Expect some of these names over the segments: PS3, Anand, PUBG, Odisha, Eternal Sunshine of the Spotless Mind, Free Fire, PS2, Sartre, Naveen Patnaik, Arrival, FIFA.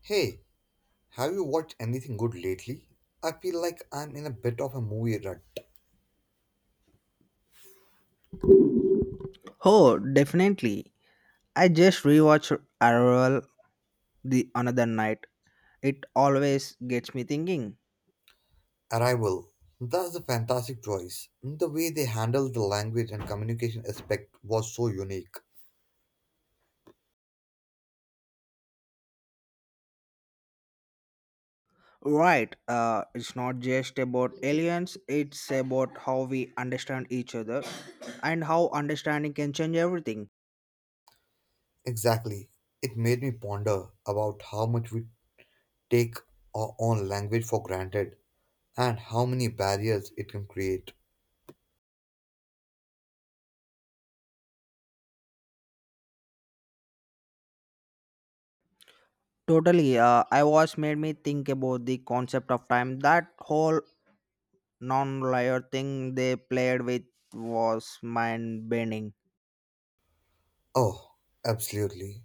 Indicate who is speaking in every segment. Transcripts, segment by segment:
Speaker 1: Hey, have you watched anything good lately? I feel like I'm in a bit of a movie rut.
Speaker 2: Oh, definitely. I just rewatched Arrival the another night. It always gets me thinking.
Speaker 1: Arrival. That's a fantastic choice. The way they handled the language and communication aspect was so unique.
Speaker 2: Right, it's not just about aliens, it's about how we understand each other and how understanding can change everything.
Speaker 1: Exactly. It made me ponder about how much we take our own language for granted and how many barriers it can create.
Speaker 2: Totally, I was made me think about the concept of time. That whole non linear thing they played with was mind bending.
Speaker 1: Oh, absolutely.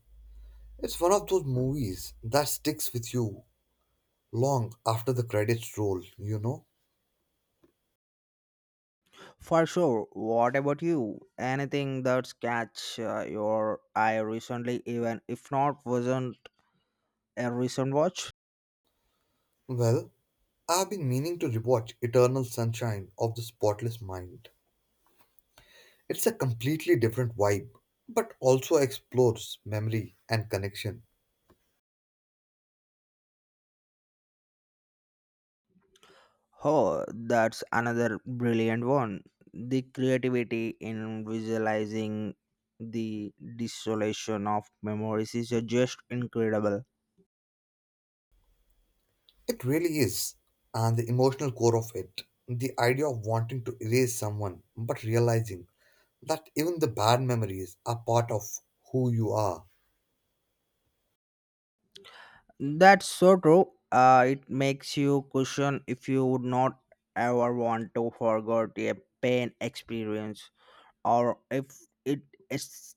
Speaker 1: It's one of those movies that sticks with you long after the credits roll, you know?
Speaker 2: For sure. What about you? Anything that's catch your eye recently, even if not wasn't a recent watch?
Speaker 1: Well, I've been meaning to rewatch Eternal Sunshine of the Spotless Mind. It's a completely different vibe, but also explores memory and connection.
Speaker 2: Oh, that's another brilliant one. The creativity in visualizing the dissolution of memories is just incredible.
Speaker 1: It really is. And the emotional core of it, the idea of wanting to erase someone, but realizing that even the bad memories are part of who you are.
Speaker 2: That's so true. It makes you question if you would not ever want to forget a pain experience or if it is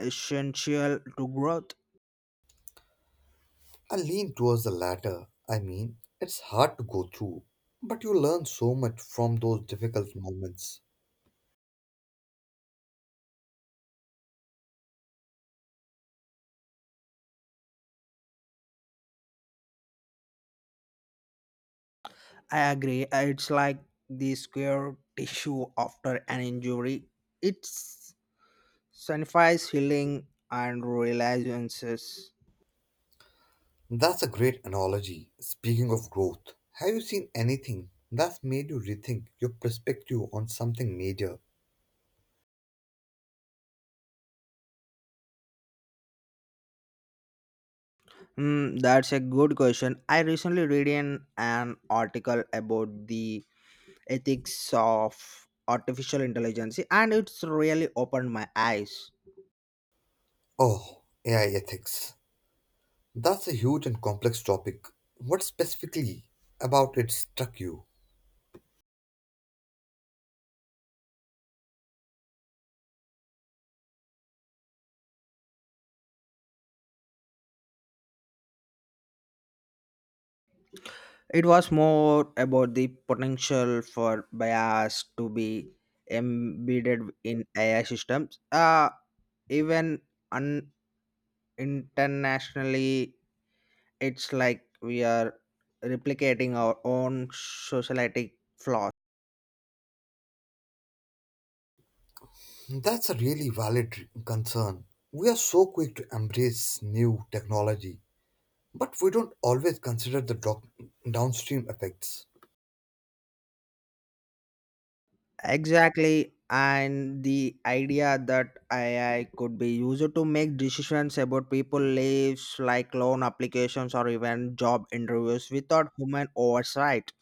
Speaker 2: essential to growth.
Speaker 1: I lean towards the latter. I mean, it's hard to go through, but you learn so much from those difficult moments.
Speaker 2: I agree. It's like the square tissue after an injury. It signifies healing and realizations.
Speaker 1: That's a great analogy. Speaking of growth, have you seen anything that's made you rethink your perspective on something major?
Speaker 2: That's a good question. I recently read in an article about the ethics of artificial intelligence, and it's really opened my eyes.
Speaker 1: Oh, AI ethics. That's a huge and complex topic. What specifically about it struck you?
Speaker 2: It was more about the potential for bias to be embedded in AI systems. Even un- internationally, it's like we are replicating our own society flaws.
Speaker 1: That's a really valid concern. We are so quick to embrace new technology, but we don't always consider the downstream effects.
Speaker 2: Exactly. And the idea that AI could be used to make decisions about people lives like loan applications or even job interviews without human oversight.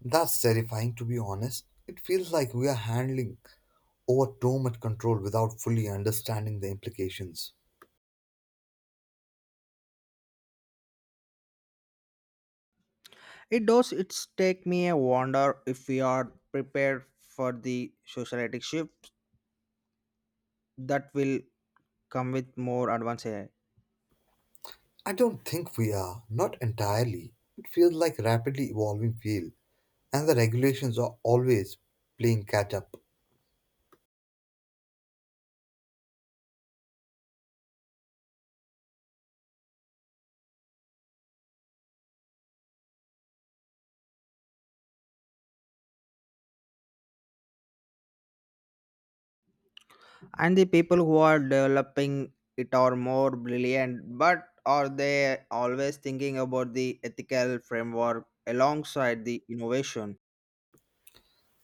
Speaker 1: That's terrifying to be honest. It feels like we are handling over too much control without fully understanding the implications.
Speaker 2: It does it's take me a wonder if we are prepared for the societic shift that will come with more advanced AI.
Speaker 1: I don't think we are, not entirely. It feels like a rapidly evolving field, and the regulations are always playing catch up.
Speaker 2: And the people who are developing it are more brilliant, but are they always thinking about the ethical framework alongside the innovation?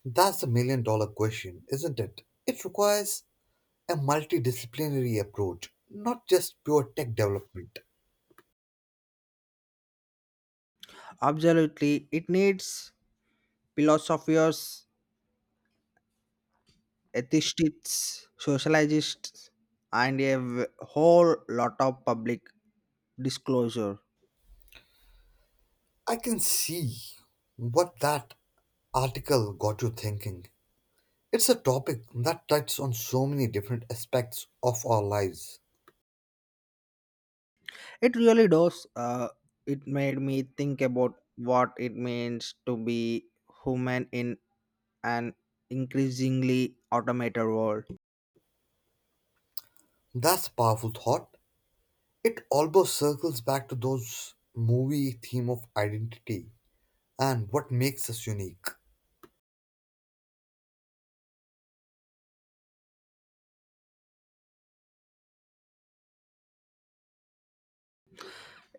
Speaker 1: That's the million dollar question, isn't it? It requires a multidisciplinary approach, not just pure tech development.
Speaker 2: Absolutely, it needs philosophers, ethicists, sociologists, and a whole lot of public disclosure.
Speaker 1: I can see what that article got you thinking. It's a topic that touches on so many different aspects of our lives.
Speaker 2: It really does. It made me think about what it means to be human in an increasingly automated world.
Speaker 1: That's a powerful thought. It almost circles back to those movie theme of identity and what makes us unique.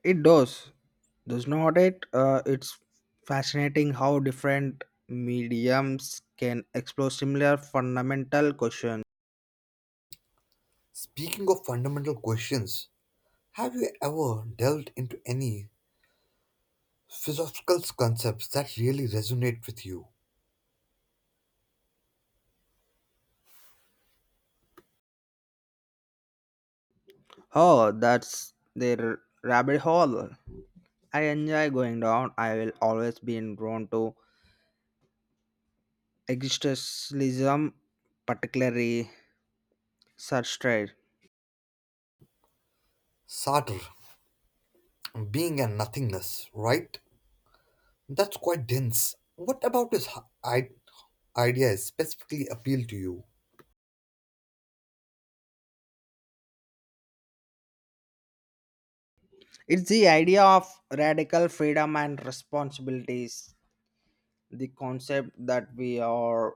Speaker 2: It does not it? It's fascinating how different mediums can explore similar fundamental questions.
Speaker 1: Speaking of fundamental questions, have you ever delved into any philosophical concepts that really resonate with you?
Speaker 2: Oh, that's their rabbit hole. I enjoy going down. I will always be drawn to existentialism, particularly such.
Speaker 1: Sartre, being and nothingness, right? That's quite dense. What about his ideas specifically appeal to you?
Speaker 2: It's the idea of radical freedom and responsibilities, the concept that we are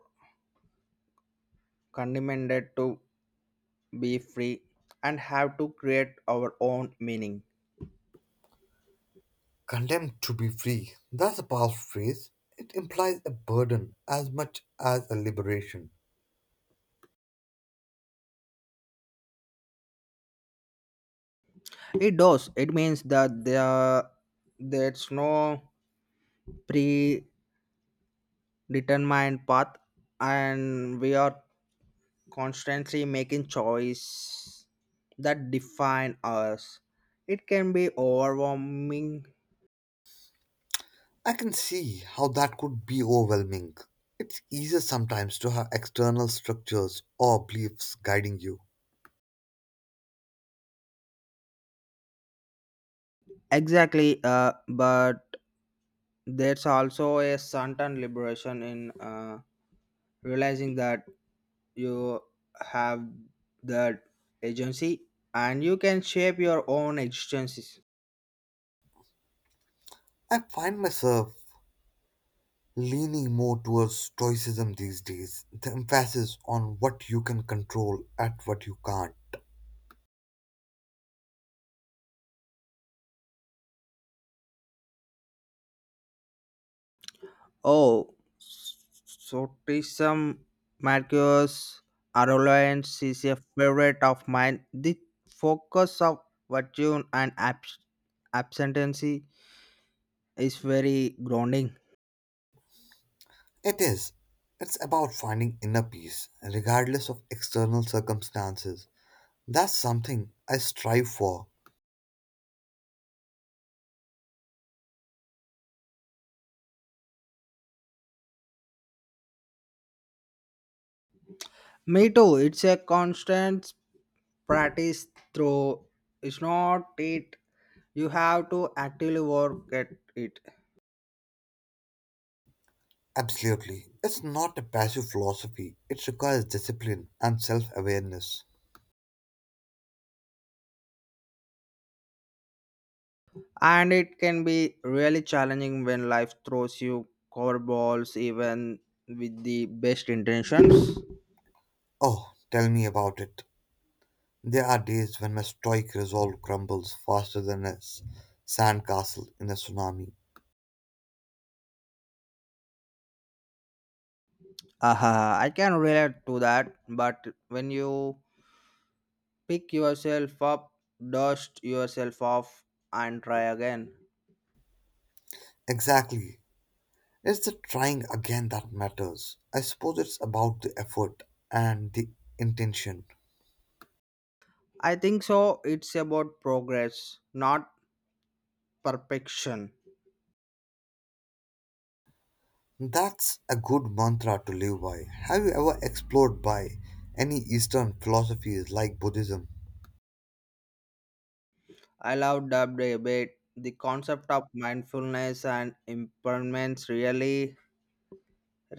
Speaker 2: condemned to be free and have to create our own meaning.
Speaker 1: Condemned to be free. That's a powerful phrase. It implies a burden as much as a liberation.
Speaker 2: It does. It means that there's no predetermined path and we are constantly making choice that define us. It can be overwhelming,
Speaker 1: I can see how that could be overwhelming. It's easier sometimes to have external structures or beliefs guiding you.
Speaker 2: exactly, but there's also a certain liberation in realizing that you have that agency and you can shape your own existences.
Speaker 1: I find myself leaning more towards stoicism these days, the emphasis on what you can control and what you can't.
Speaker 2: Oh, Sotism Marcus Aurelianus is a favorite of mine. The focus of virtue and abstention is very grounding.
Speaker 1: It is. It's about finding inner peace, regardless of external circumstances. That's something I strive for.
Speaker 2: Me too. It's a constant practice through. It's not it you have to actively work at it,
Speaker 1: Absolutely. It's not a passive philosophy, it requires discipline and self awareness.
Speaker 2: and it can be really challenging when life throws you curveballs even with the best intentions.
Speaker 1: Oh, tell me about it. There are days when my stoic resolve crumbles faster than a sandcastle in a tsunami.
Speaker 2: Aha, I can relate to that, but when you pick yourself up, dust yourself off, and try again.
Speaker 1: Exactly. It's the trying again that matters. I suppose it's about the effort and the intention.
Speaker 2: I think so. It's about progress, not perfection.
Speaker 1: That's a good mantra to live by. Have you ever explored by any Eastern philosophies like Buddhism?
Speaker 2: I love dubbed a bit. The concept of mindfulness and impermanence really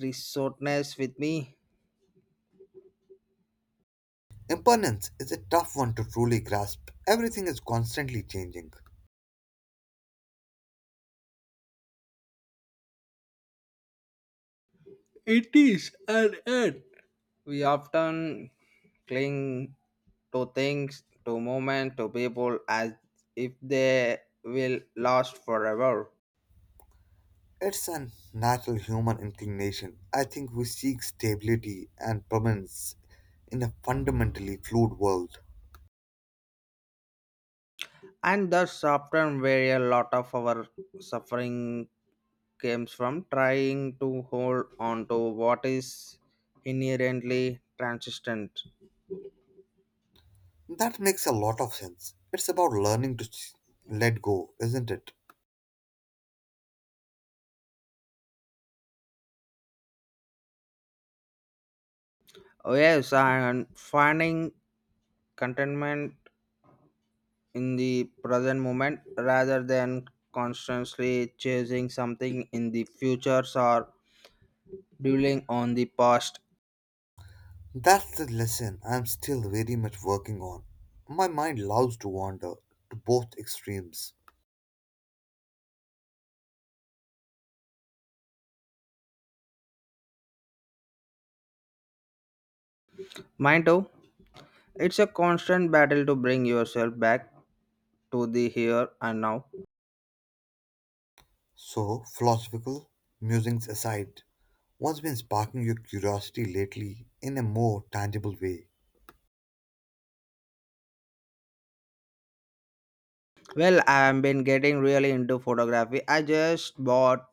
Speaker 2: resortness with me.
Speaker 1: Impermanence is a tough one to truly grasp. Everything is constantly changing.
Speaker 2: It is. And we often cling to things, to moments, to people as if they will last forever.
Speaker 1: It's a natural human inclination. I think we seek stability and permanence in a fundamentally fluid world.
Speaker 2: And that's often where a lot of our suffering comes from trying to hold on to what is inherently transient.
Speaker 1: That makes a lot of sense. It's about learning to let go, isn't it?
Speaker 2: Oh, yes, and finding contentment in the present moment rather than constantly chasing something in the future or dwelling on the past.
Speaker 1: That's the lesson I'm still very much working on. My mind loves to wander to both extremes.
Speaker 2: Mind too, it's a constant battle to bring yourself back to the here and now.
Speaker 1: So, philosophical musings aside, what's been sparking your curiosity lately in a more tangible way?
Speaker 2: Well, I've been getting really into photography. I just bought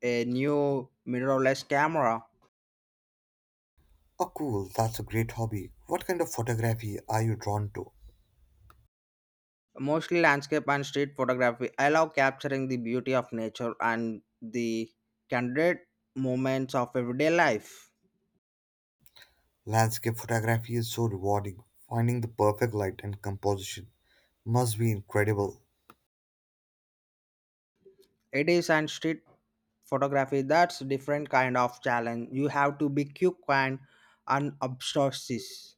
Speaker 2: a new mirrorless camera,
Speaker 1: Oh, cool. That's a great hobby. What kind of photography are you drawn to?
Speaker 2: mostly landscape and street photography. I love capturing the beauty of nature and the candid moments of everyday life.
Speaker 1: Landscape photography is so rewarding. Finding the perfect light and composition must be incredible.
Speaker 2: It is, and street photography that's different kind of challenge. You have to be quick and unobtrusive.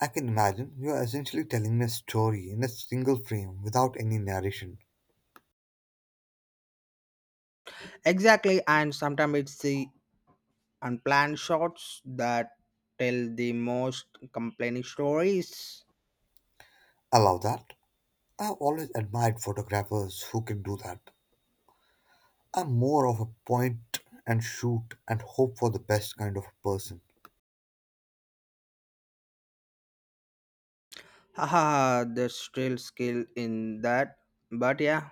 Speaker 1: I can imagine you are essentially telling me a story in a single frame without any narration.
Speaker 2: Exactly, and sometimes it's the unplanned shots that tell the most complaining stories.
Speaker 1: I love that. I've always admired photographers who can do that. I'm more of a point and shoot and hope for the best kind of person.
Speaker 2: Haha, there's still skill in that. But yeah,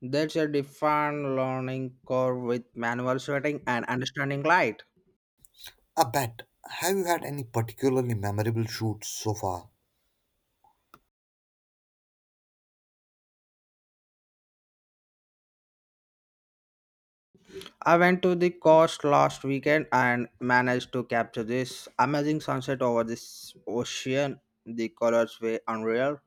Speaker 2: there's a different learning curve with manual sweating and understanding light.
Speaker 1: I bet. Have you had any particularly memorable shoots so far?
Speaker 2: I went to the coast last weekend and managed to capture this amazing sunset over this ocean. The colors were unreal.